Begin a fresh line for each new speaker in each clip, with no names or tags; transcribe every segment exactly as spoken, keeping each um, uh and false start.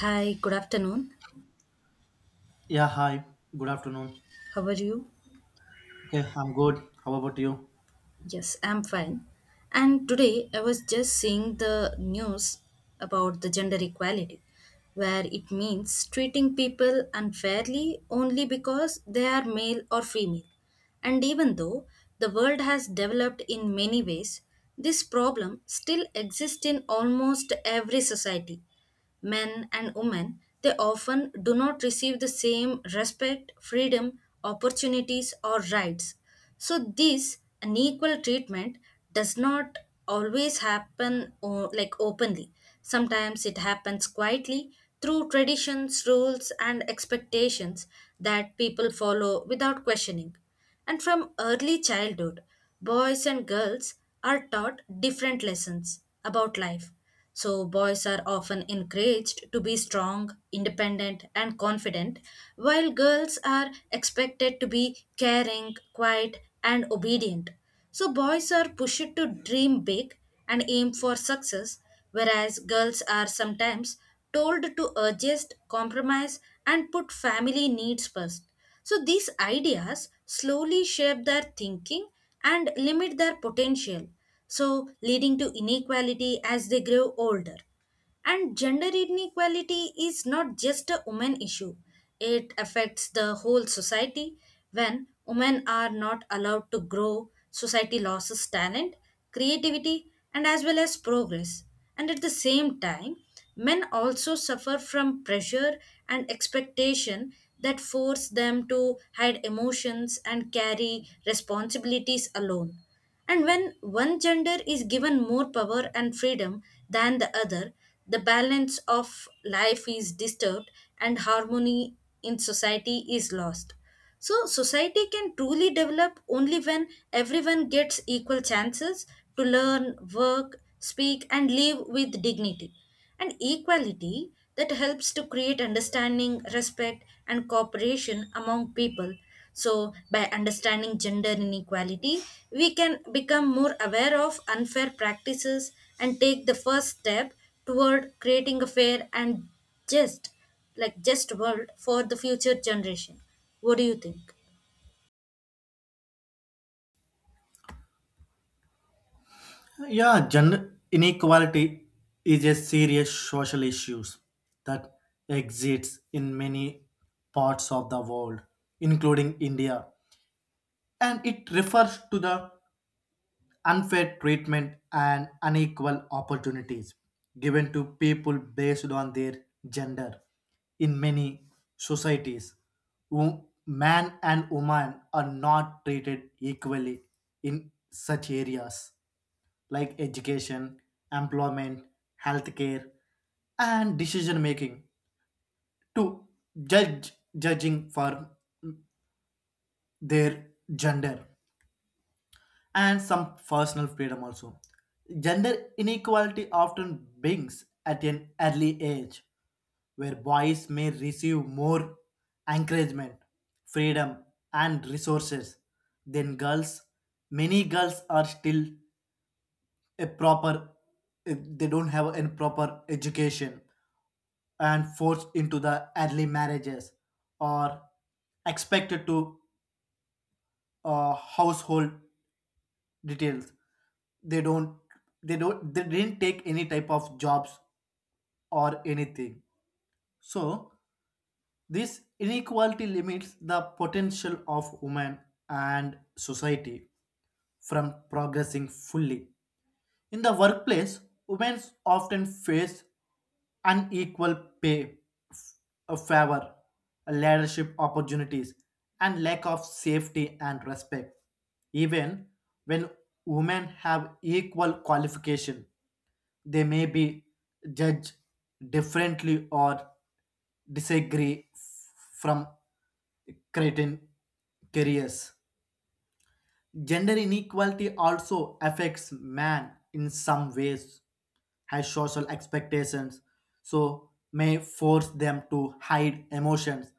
Hi, good afternoon.
Yeah, hi. Good afternoon.
How are you?
Okay, I'm good. How about you?
Yes, I'm fine. And today I was just seeing the news about the gender equality, where it means treating people unfairly only because they are male or female. And even though the world has developed in many ways, this problem still exists in almost every society. Men and women, they often do not receive the same respect, freedom, opportunities, or rights. So, this unequal treatment does not always happen o- like openly. Sometimes it happens quietly through traditions, rules, and expectations that people follow without questioning. And from early childhood, boys and girls are taught different lessons about life. So, boys are often encouraged to be strong, independent, and confident, while girls are expected to be caring, quiet, and obedient. So, boys are pushed to dream big and aim for success, whereas girls are sometimes told to adjust, compromise, and put family needs first. So these ideas slowly shape their thinking and limit their potential, so leading to inequality as they grow older. And gender inequality is not just a women issue. It affects the whole society. When women are not allowed to grow, society loses talent, creativity, and as well as progress. And at the same time, men also suffer from pressure and expectation that force them to hide emotions and carry responsibilities alone, and when one gender is given more power and freedom than the other, the balance of life is disturbed and harmony in society is lost. So, society can truly develop only when everyone gets equal chances to learn, work, speak, and live with dignity. And equality that helps to create understanding, respect, and cooperation among people, so, by understanding gender inequality, we can become more aware of unfair practices and take the first step toward creating a fair and just, like just world for the future generation. What do you think?
Yeah, gender inequality is a serious social issue that exists in many parts of the world, including India. And it refers to the unfair treatment and unequal opportunities given to people based on their gender. In many societies wo- man and woman are not treated equally in such areas like education, employment, healthcare, and decision making, to judge judging for their gender and some personal freedom also. Gender inequality often begins at an early age, where boys may receive more encouragement, freedom, and resources than girls. Many girls are still a proper, eh, they don't have a proper education and forced into the early marriages, or expected to uh, household details. They don't, they don't they didn't take any type of jobs or anything. So this inequality limits the potential of women and society from progressing fully. In the workplace, women often face unequal pay, f- a favor, a leadership opportunities, and lack of safety and respect. Even when women have equal qualification, they may be judged differently or disagree f- from cretin careers. Gender inequality also affects man in some ways, has social expectations, so may force them to hide emotions,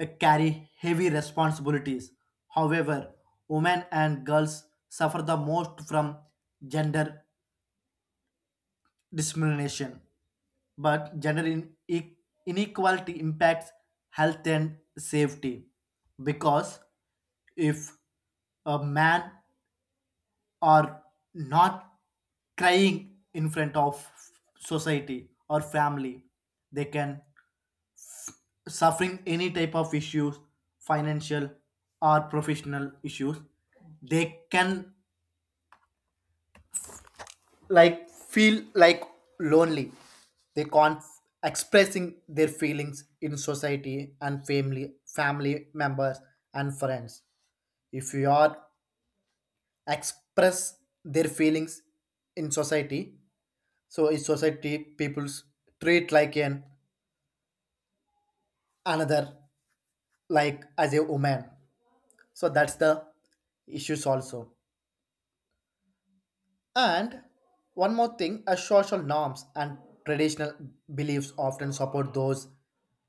uh, carry heavy responsibilities. However, women and girls suffer the most from gender discrimination. But gender in- e- inequality impacts health and safety, because if a man are not crying in front of society or family, they can suffering any type of issues, financial or professional issues. They can like feel like lonely. They can't expressing their feelings in society and family family members and friends. If you are express their feelings in society, so in society people's treat like an another, like as a woman. So that's the issues also. And one more thing, as social norms and traditional beliefs often support those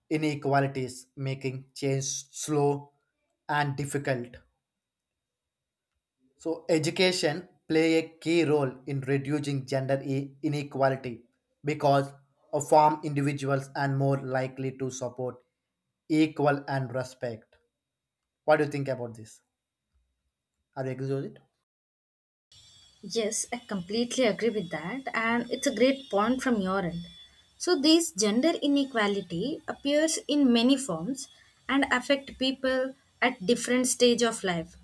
inequalities, making change slow and difficult. So education play a key role in reducing gender i- inequality, because a farm individuals and more likely to support equal and respect. What do you think about this? Are you agree with it?
Yes, I completely agree with that, and it's a great point from your end. So, this gender inequality appears in many forms and affect people at different stage of life.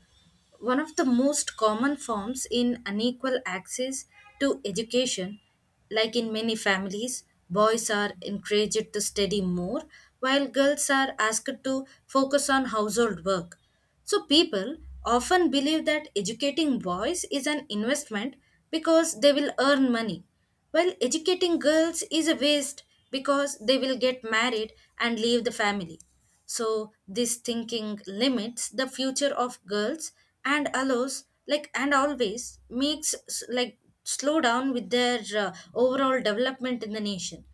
One of the most common forms in unequal access to education, like in many families, boys are encouraged to study more while girls are asked to focus on household work. So people often believe that educating boys is an investment because they will earn money, while educating girls is a waste because they will get married and leave the family. So this thinking limits the future of girls and allows like and always makes s- like slow down with their uh, overall development in the nation.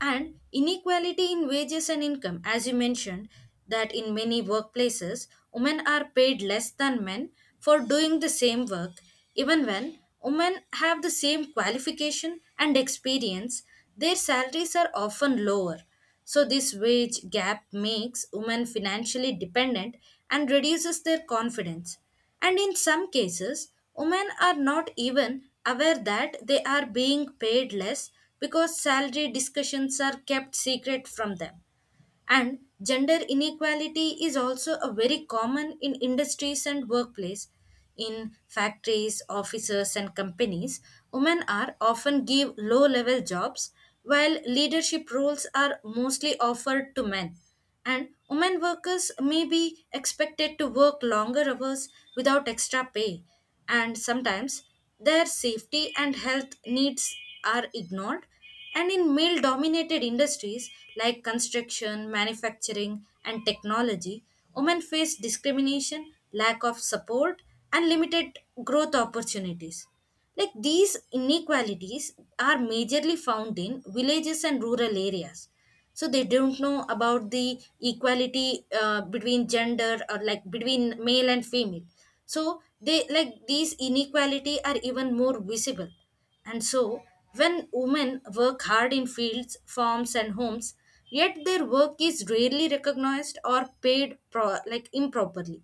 And inequality in wages and income, as you mentioned, that in many workplaces women are paid less than men for doing the same work. Even when women have the same qualification and experience, their salaries are often lower. So this wage gap makes women financially dependent and reduces their confidence, and in some cases, women are not even aware that they are being paid less because salary discussions are kept secret from them. And gender inequality is also a very common in industries and workplace. In factories, offices, and companies, women are often give low level jobs while leadership roles are mostly offered to men, and women workers may be expected to work longer hours without extra pay, and sometimes their safety and health needs are ignored. And in male dominated industries like construction, manufacturing, and technology, women face discrimination, lack of support, and limited growth opportunities. Like these inequalities are majorly found in villages and rural areas, so they don't know about the equality uh, between gender or like between male and female. So they like these inequality are even more visible, and so when women work hard in fields, farms, and homes, yet their work is rarely recognized or paid pro- like improperly.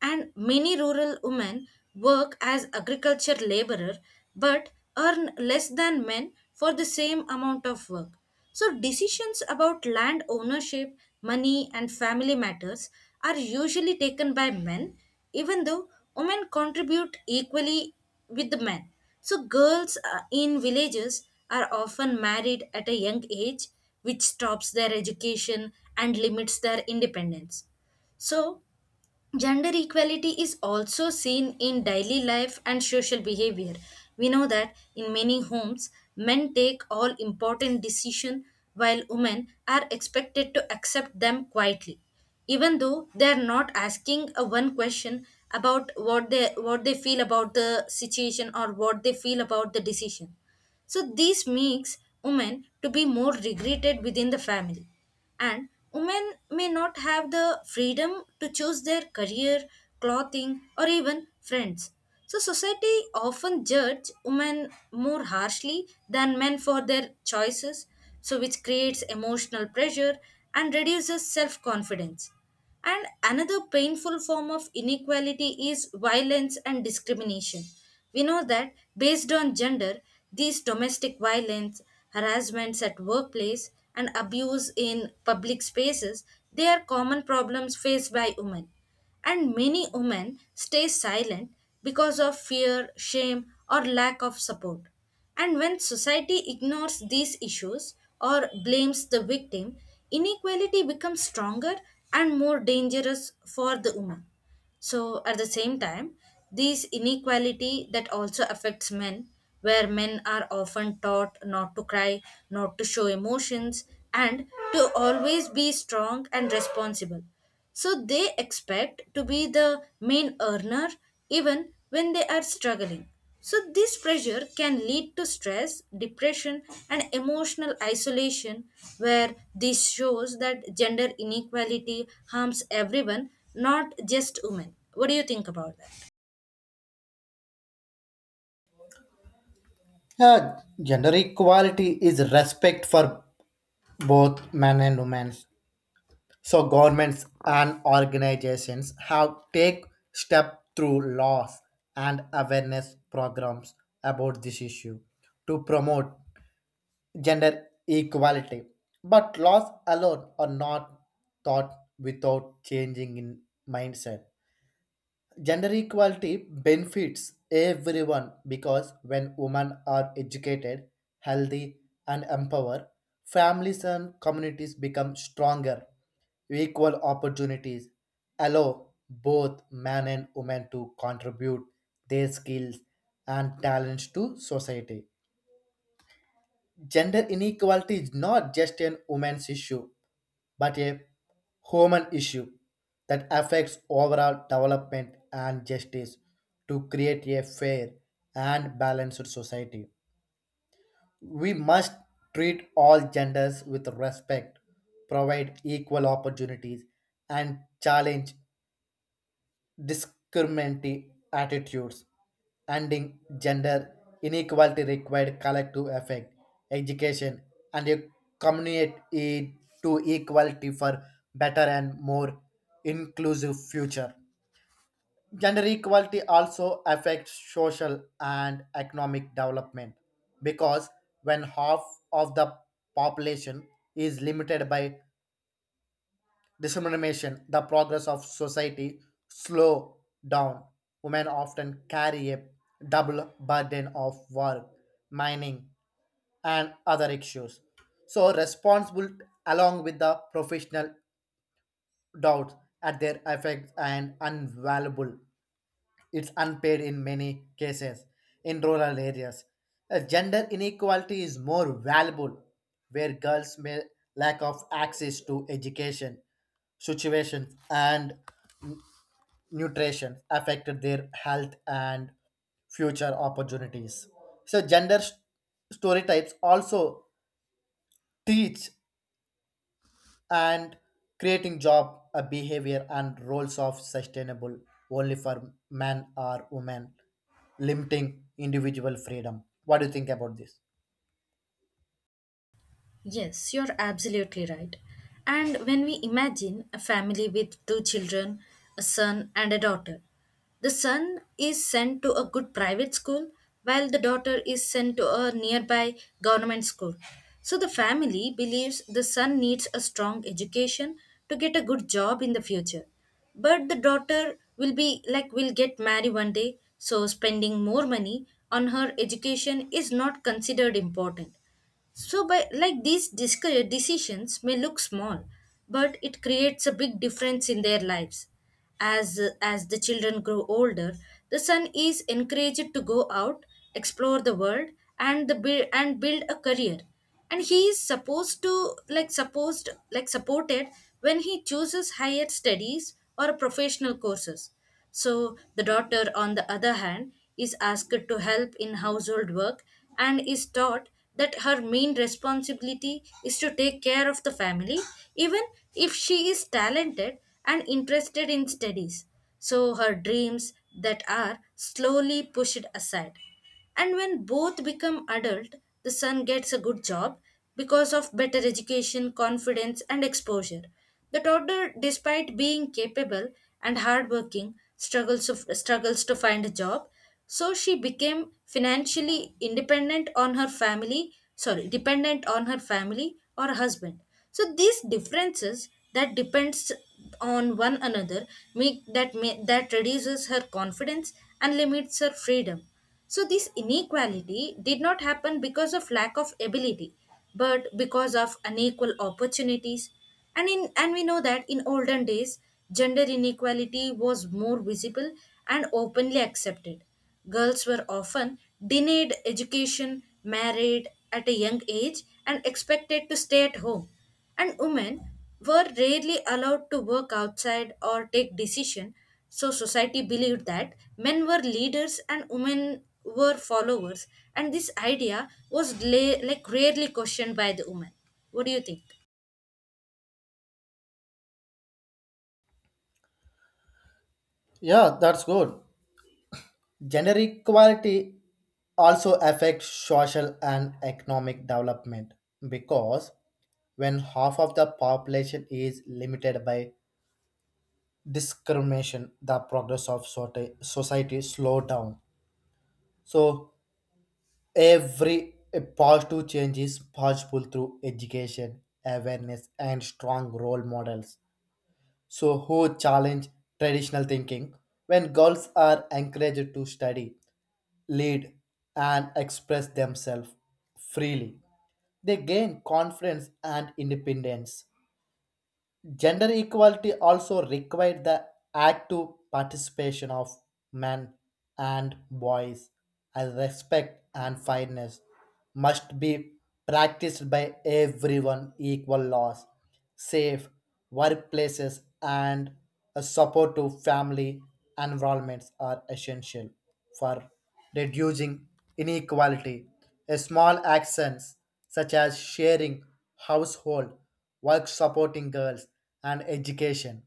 And many rural women work as agriculture laborer but earn less than men for the same amount of work. So decisions about land ownership, money, and family matters are usually taken by men, even though women contribute equally with the men. So girls uh, in villages are often married at a young age, which stops their education and limits their independence. So gender equality is also seen in daily life and social behavior. We know that in many homes, men take all important decisions while women are expected to accept them quietly, even though they are not asking a one question about what they what they feel about the situation or what they feel about the decision. So this makes women to be more regretted within the family, and women may not have the freedom to choose their career, clothing, or even friends. So, society often judge women more harshly than men for their choices, so which creates emotional pressure and reduces self confidence. And another painful form of inequality is violence and discrimination. We know that based on gender, these domestic violence, harassments at workplace, and abuse in public spaces, they are common problems faced by women. And many women stay silent because of fear, shame, or lack of support. And when society ignores these issues or blames the victim, inequality becomes stronger and more dangerous for the woman. So at the same time, this inequality that also affects men, where men are often taught not to cry, not to show emotions, and to always be strong and responsible. So they expect to be the main earner even when they are struggling. So, this pressure can lead to stress, depression, and emotional isolation, where this shows that gender inequality harms everyone, not just women. What do you think about that?
Yeah, gender equality is respect for both men and women. So governments and organizations have take step through laws and awareness programs about this issue to promote gender equality. But laws alone are not thought without changing in mindset. Gender equality benefits everyone, because when women are educated, healthy, and empowered, families and communities become stronger. Equal opportunities allow both men and women to contribute their skills and talents to society. Gender inequality is not just an woman's issue, but a human issue that affects overall development and justice. To create a fair and balanced society, we must treat all genders with respect, provide equal opportunities, and challenge discriminatory attitudes. Ending gender inequality required collective effect, education, and a community to equality for better and more inclusive future. Gender equality also affects social and economic development, because when half of the population is limited by discrimination, the progress of society slow down. Women often carry a double burden of work, mining, and other issues. So responsible along with the professional doubts at their effects and unvaluable, it's unpaid in many cases in rural areas. Uh, Gender inequality is more valuable, where girls may lack of access to education, situations and nutrition affected their health and future opportunities. So gender st- stereotypes also teach and creating job a behavior and roles of sustainable only for man or woman, limiting individual freedom. What do you think about this?
Yes, you're absolutely right. And when we imagine a family with two children, a son and a daughter, the son is sent to a good private school while the daughter is sent to a nearby government school. So the family believes the son needs a strong education to get a good job in the future. But the daughter will be like, will get married one day, so spending more money on her education is not considered important. So, by like these disc- uh, decisions may look small, but it creates a big difference in their lives. As as the children grow older, the son is encouraged to go out, explore the world, and the bui- and build a career, and he is supposed to like supposed like supported when he chooses higher studies or professional courses. So the daughter, on the other hand, is asked to help in household work and is taught that her main responsibility is to take care of the family, even if she is talented and interested in studies. So her dreams that are slowly pushed aside. And when both become adult, the son gets a good job because of better education, confidence, and exposure. The toddler, despite being capable and hardworking, struggles of, struggles to find a job. So she became financially independent on her family, sorry, dependent on her family or husband. So these differences that depends on one another make that may, that reduces her confidence and limits her freedom. So, this inequality did not happen because of lack of ability, but because of unequal opportunities. And, in, and we know that in olden days, gender inequality was more visible and openly accepted. Girls were often denied education, married at a young age, and expected to stay at home, and women were rarely allowed to work outside or take decision. So society believed that men were leaders and women were followers, and this idea was la- like rarely questioned by the women. What do you think?
Yeah, that's good. Gender equality also affects social and economic development, because when half of the population is limited by discrimination, the progress of soci- society slow down. So every positive change is possible through education, awareness, and strong role models. So, who challenge traditional thinking? When girls are encouraged to study, lead, and express themselves freely, they gain confidence and independence. Gender equality also required the active participation of men and boys, as respect and fairness must be practiced by everyone. Equal laws, safe workplaces, and a support family environments are essential for reducing inequality. A small actions such as sharing household work, supporting girls and education,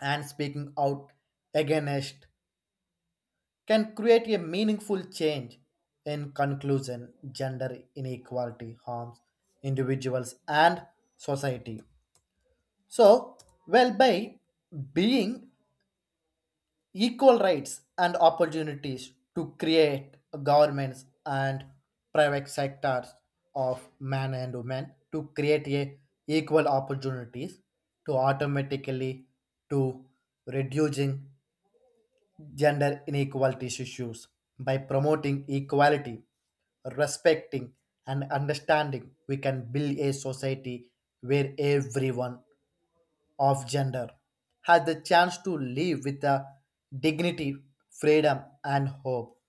and speaking out against can create a meaningful change. In conclusion, gender inequality harms individuals and society. So, well, by being equal rights and opportunities to create governments and private sectors of men and women, to create a equal opportunities, to automatically to reducing gender inequalities issues by promoting equality, respecting and understanding, we can build a society where everyone of gender has the chance to live with a dignity, freedom, and hope.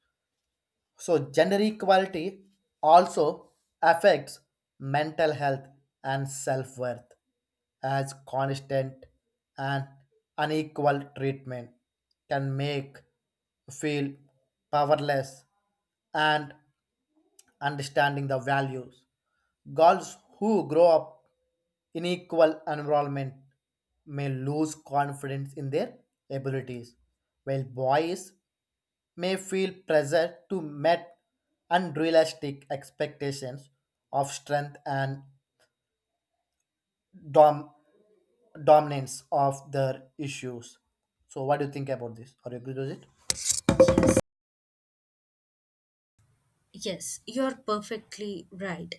So, gender equality also affects mental health and self worth, as constant and unequal treatment can make feel powerless and understanding the values. Girls who grow up in equal environment may lose confidence in their abilities, while boys may feel pressure to meet unrealistic expectations of strength and dom- dominance of their issues. So, what do you think about this? Are you agree with it?
Yes, you're perfectly right.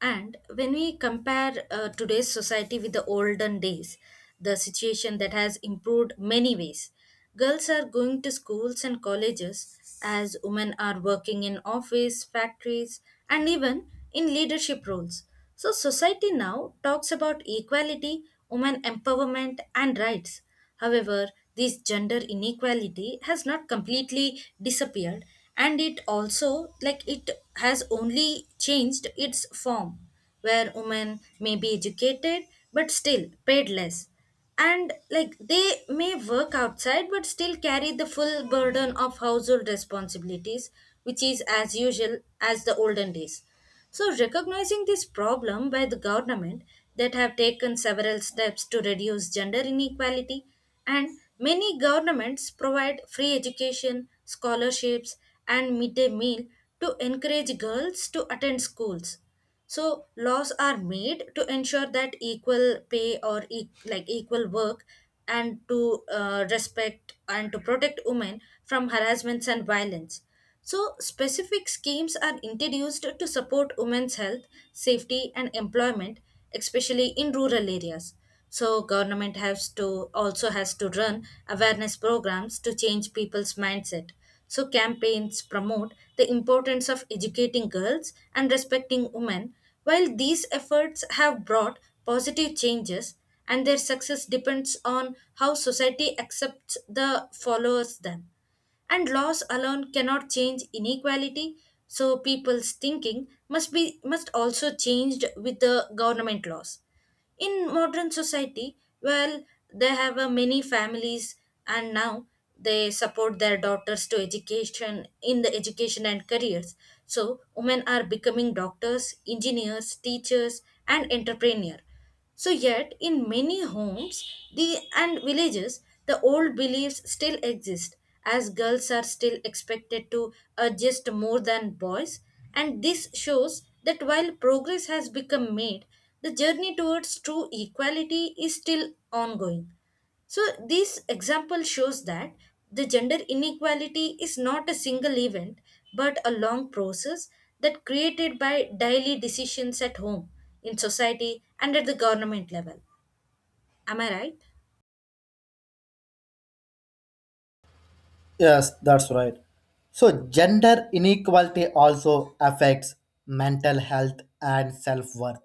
And when we compare uh, today's society with the olden days, the situation that has improved many ways. Girls are going to schools and colleges, as women are working in office, factories, and even in leadership roles. So society now talks about equality, women empowerment, and rights. However, this gender inequality has not completely disappeared, and it also like it has only changed its form, where women may be educated but still paid less, and like they may work outside but still carry the full burden of household responsibilities, which is as usual as the olden days. So, recognizing this problem by the government that have taken several steps to reduce gender inequality, and many governments provide free education, scholarships, and midday meal to encourage girls to attend schools. So, laws are made to ensure that equal pay or e- like equal work, and to uh, respect and to protect women from harassments and violence. So, specific schemes are introduced to support women's health, safety, and employment, especially in rural areas. So, government has to also has to run awareness programs to change people's mindset. So, campaigns promote the importance of educating girls and respecting women. While these efforts have brought positive changes, and their success depends on how society accepts the followers them, and laws alone cannot change inequality, so people's thinking must be must also changed with the government laws in modern society. Well, they have uh, many families, and now they support their daughters to education, in the education and careers. So women are becoming doctors, engineers, teachers, and entrepreneur. So, yet in many homes the, and villages, the old beliefs still exist, as girls are still expected to adjust more than boys. And this shows that while progress has become made, the journey towards true equality is still ongoing. So this example shows that the gender inequality is not a single event, but a long process that created by daily decisions at home, in society, and at the government level. Am I right?
Yes, that's right. So, gender inequality also affects mental health and self worth.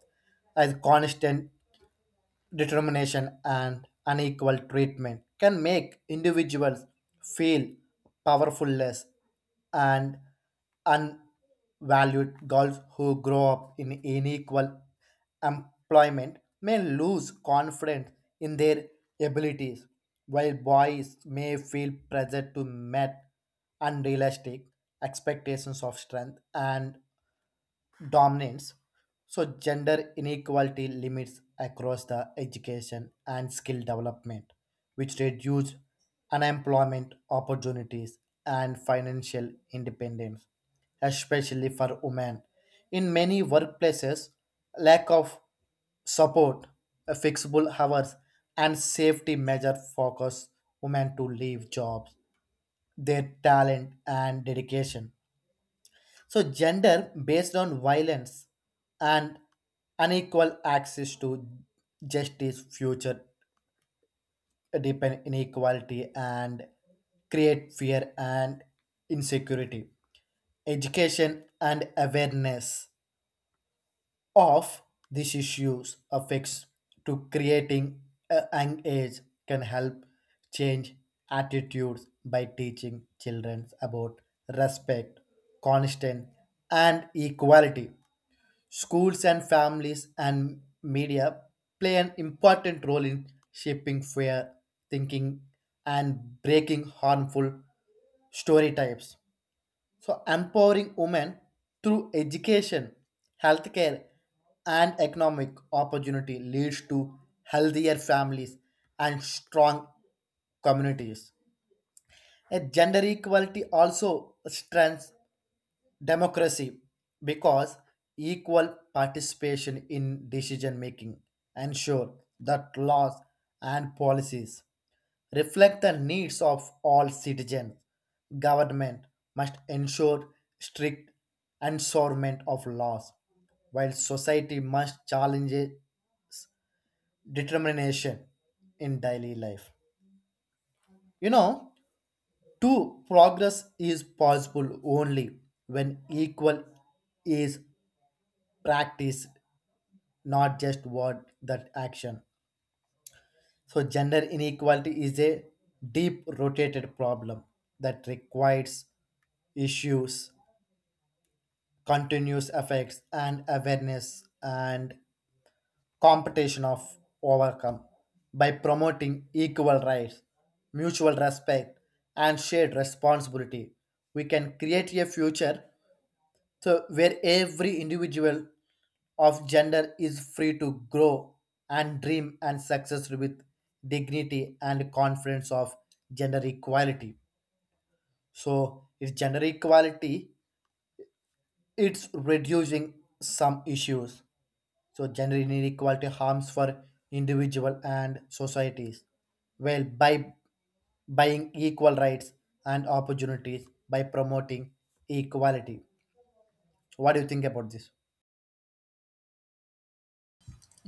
As constant determination and unequal treatment can make individuals feel powerfulless and unvalued. Girls who grow up in unequal employment may lose confidence in their abilities, while boys may feel pressure to meet unrealistic expectations of strength and dominance. So, gender inequality limits across the education and skill development, which reduce unemployment opportunities and financial independence, especially for women. In many workplaces, lack of support, uh, fixable hours, and safety measures focus women to leave jobs, their talent and dedication. So, gender based on violence and unequal access to justice, future depend inequality, and create fear and insecurity. Education and awareness of these issues affects to creating a young age can help change attitudes by teaching children about respect, constant, and equality. Schools and families and media play an important role in shaping fair thinking and breaking harmful story types. So, empowering women through education, healthcare, and economic opportunity leads to healthier families and strong communities. A gender equality also strengthens democracy, because equal participation in decision making ensure that laws and policies reflect the needs of all citizens. Government must ensure strict enforcement of laws, while society must challenge determination in daily life, you know, two progress is possible only when equal is practiced, not just what that action. So, gender inequality is a deep rotated problem that requires issues, continuous effects, and awareness and competition of overcome. By promoting equal rights, mutual respect, and shared responsibility, we can create a future so where every individual of gender is free to grow and dream and success with dignity and confidence of gender equality. So it's gender equality, it's reducing some issues. So gender inequality harms for individual and societies. Well, by buying equal rights and opportunities, by promoting equality, what do you think about this?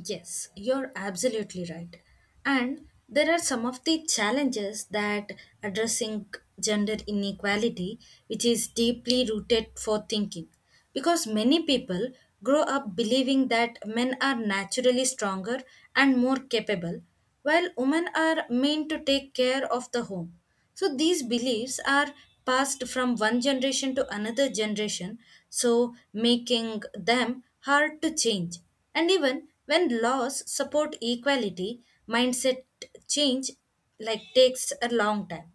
Yes, you're absolutely right. And there are some of the challenges that addressing gender inequality, which is deeply rooted for thinking. Because many people grow up believing that men are naturally stronger and more capable, while women are meant to take care of the home. So these beliefs are passed from one generation to another generation, so making them hard to change. And even when laws support equality, mindset change like takes a long time.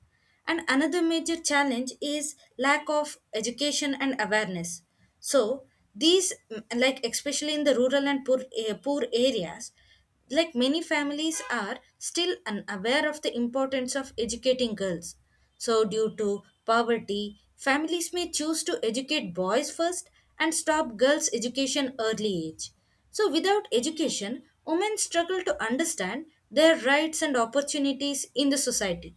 And another major challenge is lack of education and awareness. So these mm, like especially in the rural and poor, eh, poor areas, like many families are still unaware of the importance of educating girls. So, due to poverty, families may choose to educate boys first and stop girls' education early age. So, without education, women struggle to understand their rights and opportunities in the society,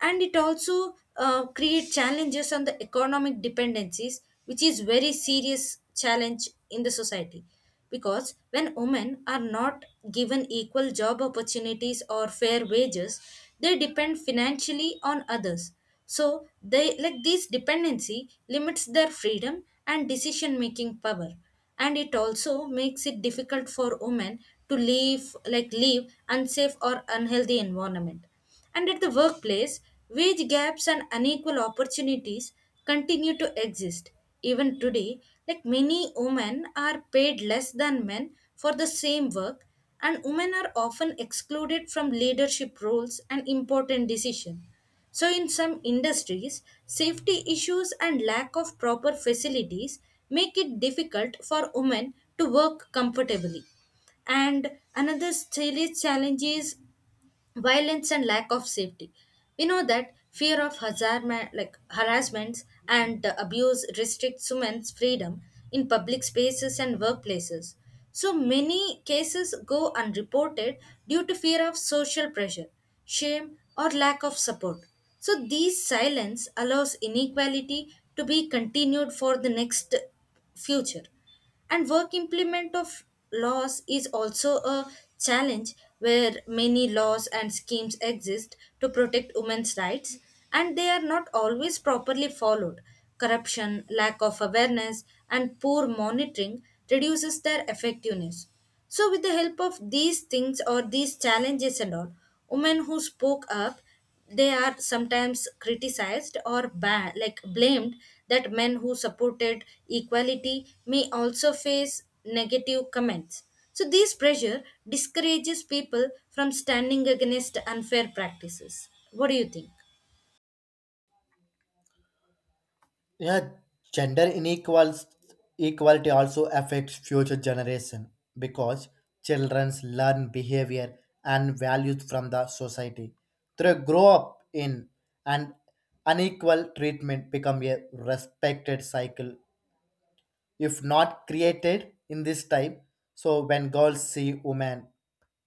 and it also uh, create challenges on the economic dependencies, which is very serious challenge in the society, because when women are not given equal job opportunities or fair wages, they depend financially on others. So they like this dependency limits their freedom and decision making power, and it also makes it difficult for women to leave like leave unsafe or unhealthy environment. And at the workplace, wage gaps and unequal opportunities continue to exist. Even today, like many women are paid less than men for the same work, and women are often excluded from leadership roles and important decisions. So, in some industries, safety issues and lack of proper facilities make it difficult for women to work comfortably. And another serious challenge is violence and lack of safety. We know that fear of hazarma- like harassments and uh, abuse restricts women's freedom in public spaces and workplaces, so many cases go unreported due to fear of social pressure, shame, or lack of support. So these silence allows inequality to be continued for the next future. And work implement of laws is also a challenge, where many laws and schemes exist to protect women's rights, and they are not always properly followed. Corruption, lack of awareness, and poor monitoring reduces their effectiveness. So with the help of these things or these challenges and all, women who spoke up, they are sometimes criticized or ba- like blamed. That men who supported equality may also face negative comments, so this pressure discourages people from standing against unfair practices. What do you think?
Yeah, gender inequals equality also affects future generation, because children learn behavior and values from the society they grow up in. And unequal treatment become a respected cycle if not created in this time. So when girls see women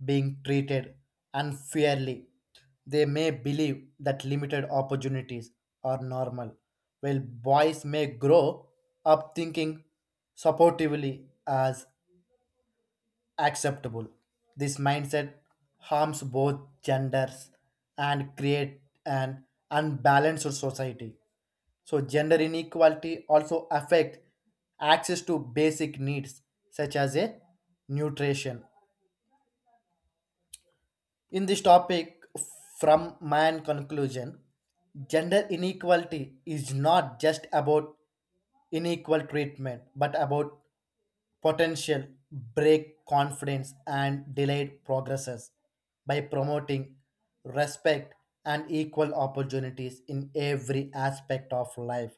being treated unfairly, they may believe that limited opportunities are normal, while boys may grow up thinking supportively as acceptable. This mindset harms both genders and create an unbalanced society. So gender inequality also affect access to basic needs such as a nutrition. In this topic, from my conclusion, gender inequality is not just about unequal treatment, but about potential break confidence and delayed progresses. By promoting respect and equal opportunities in every aspect of life,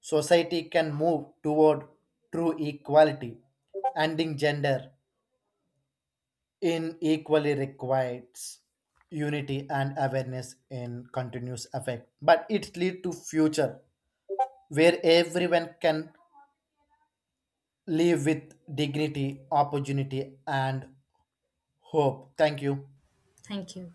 society can move toward true equality. Ending gender in equally requires unity and awareness in continuous effect, but it lead to future where everyone can live with dignity, opportunity, and hope. Thank you.
Thank you.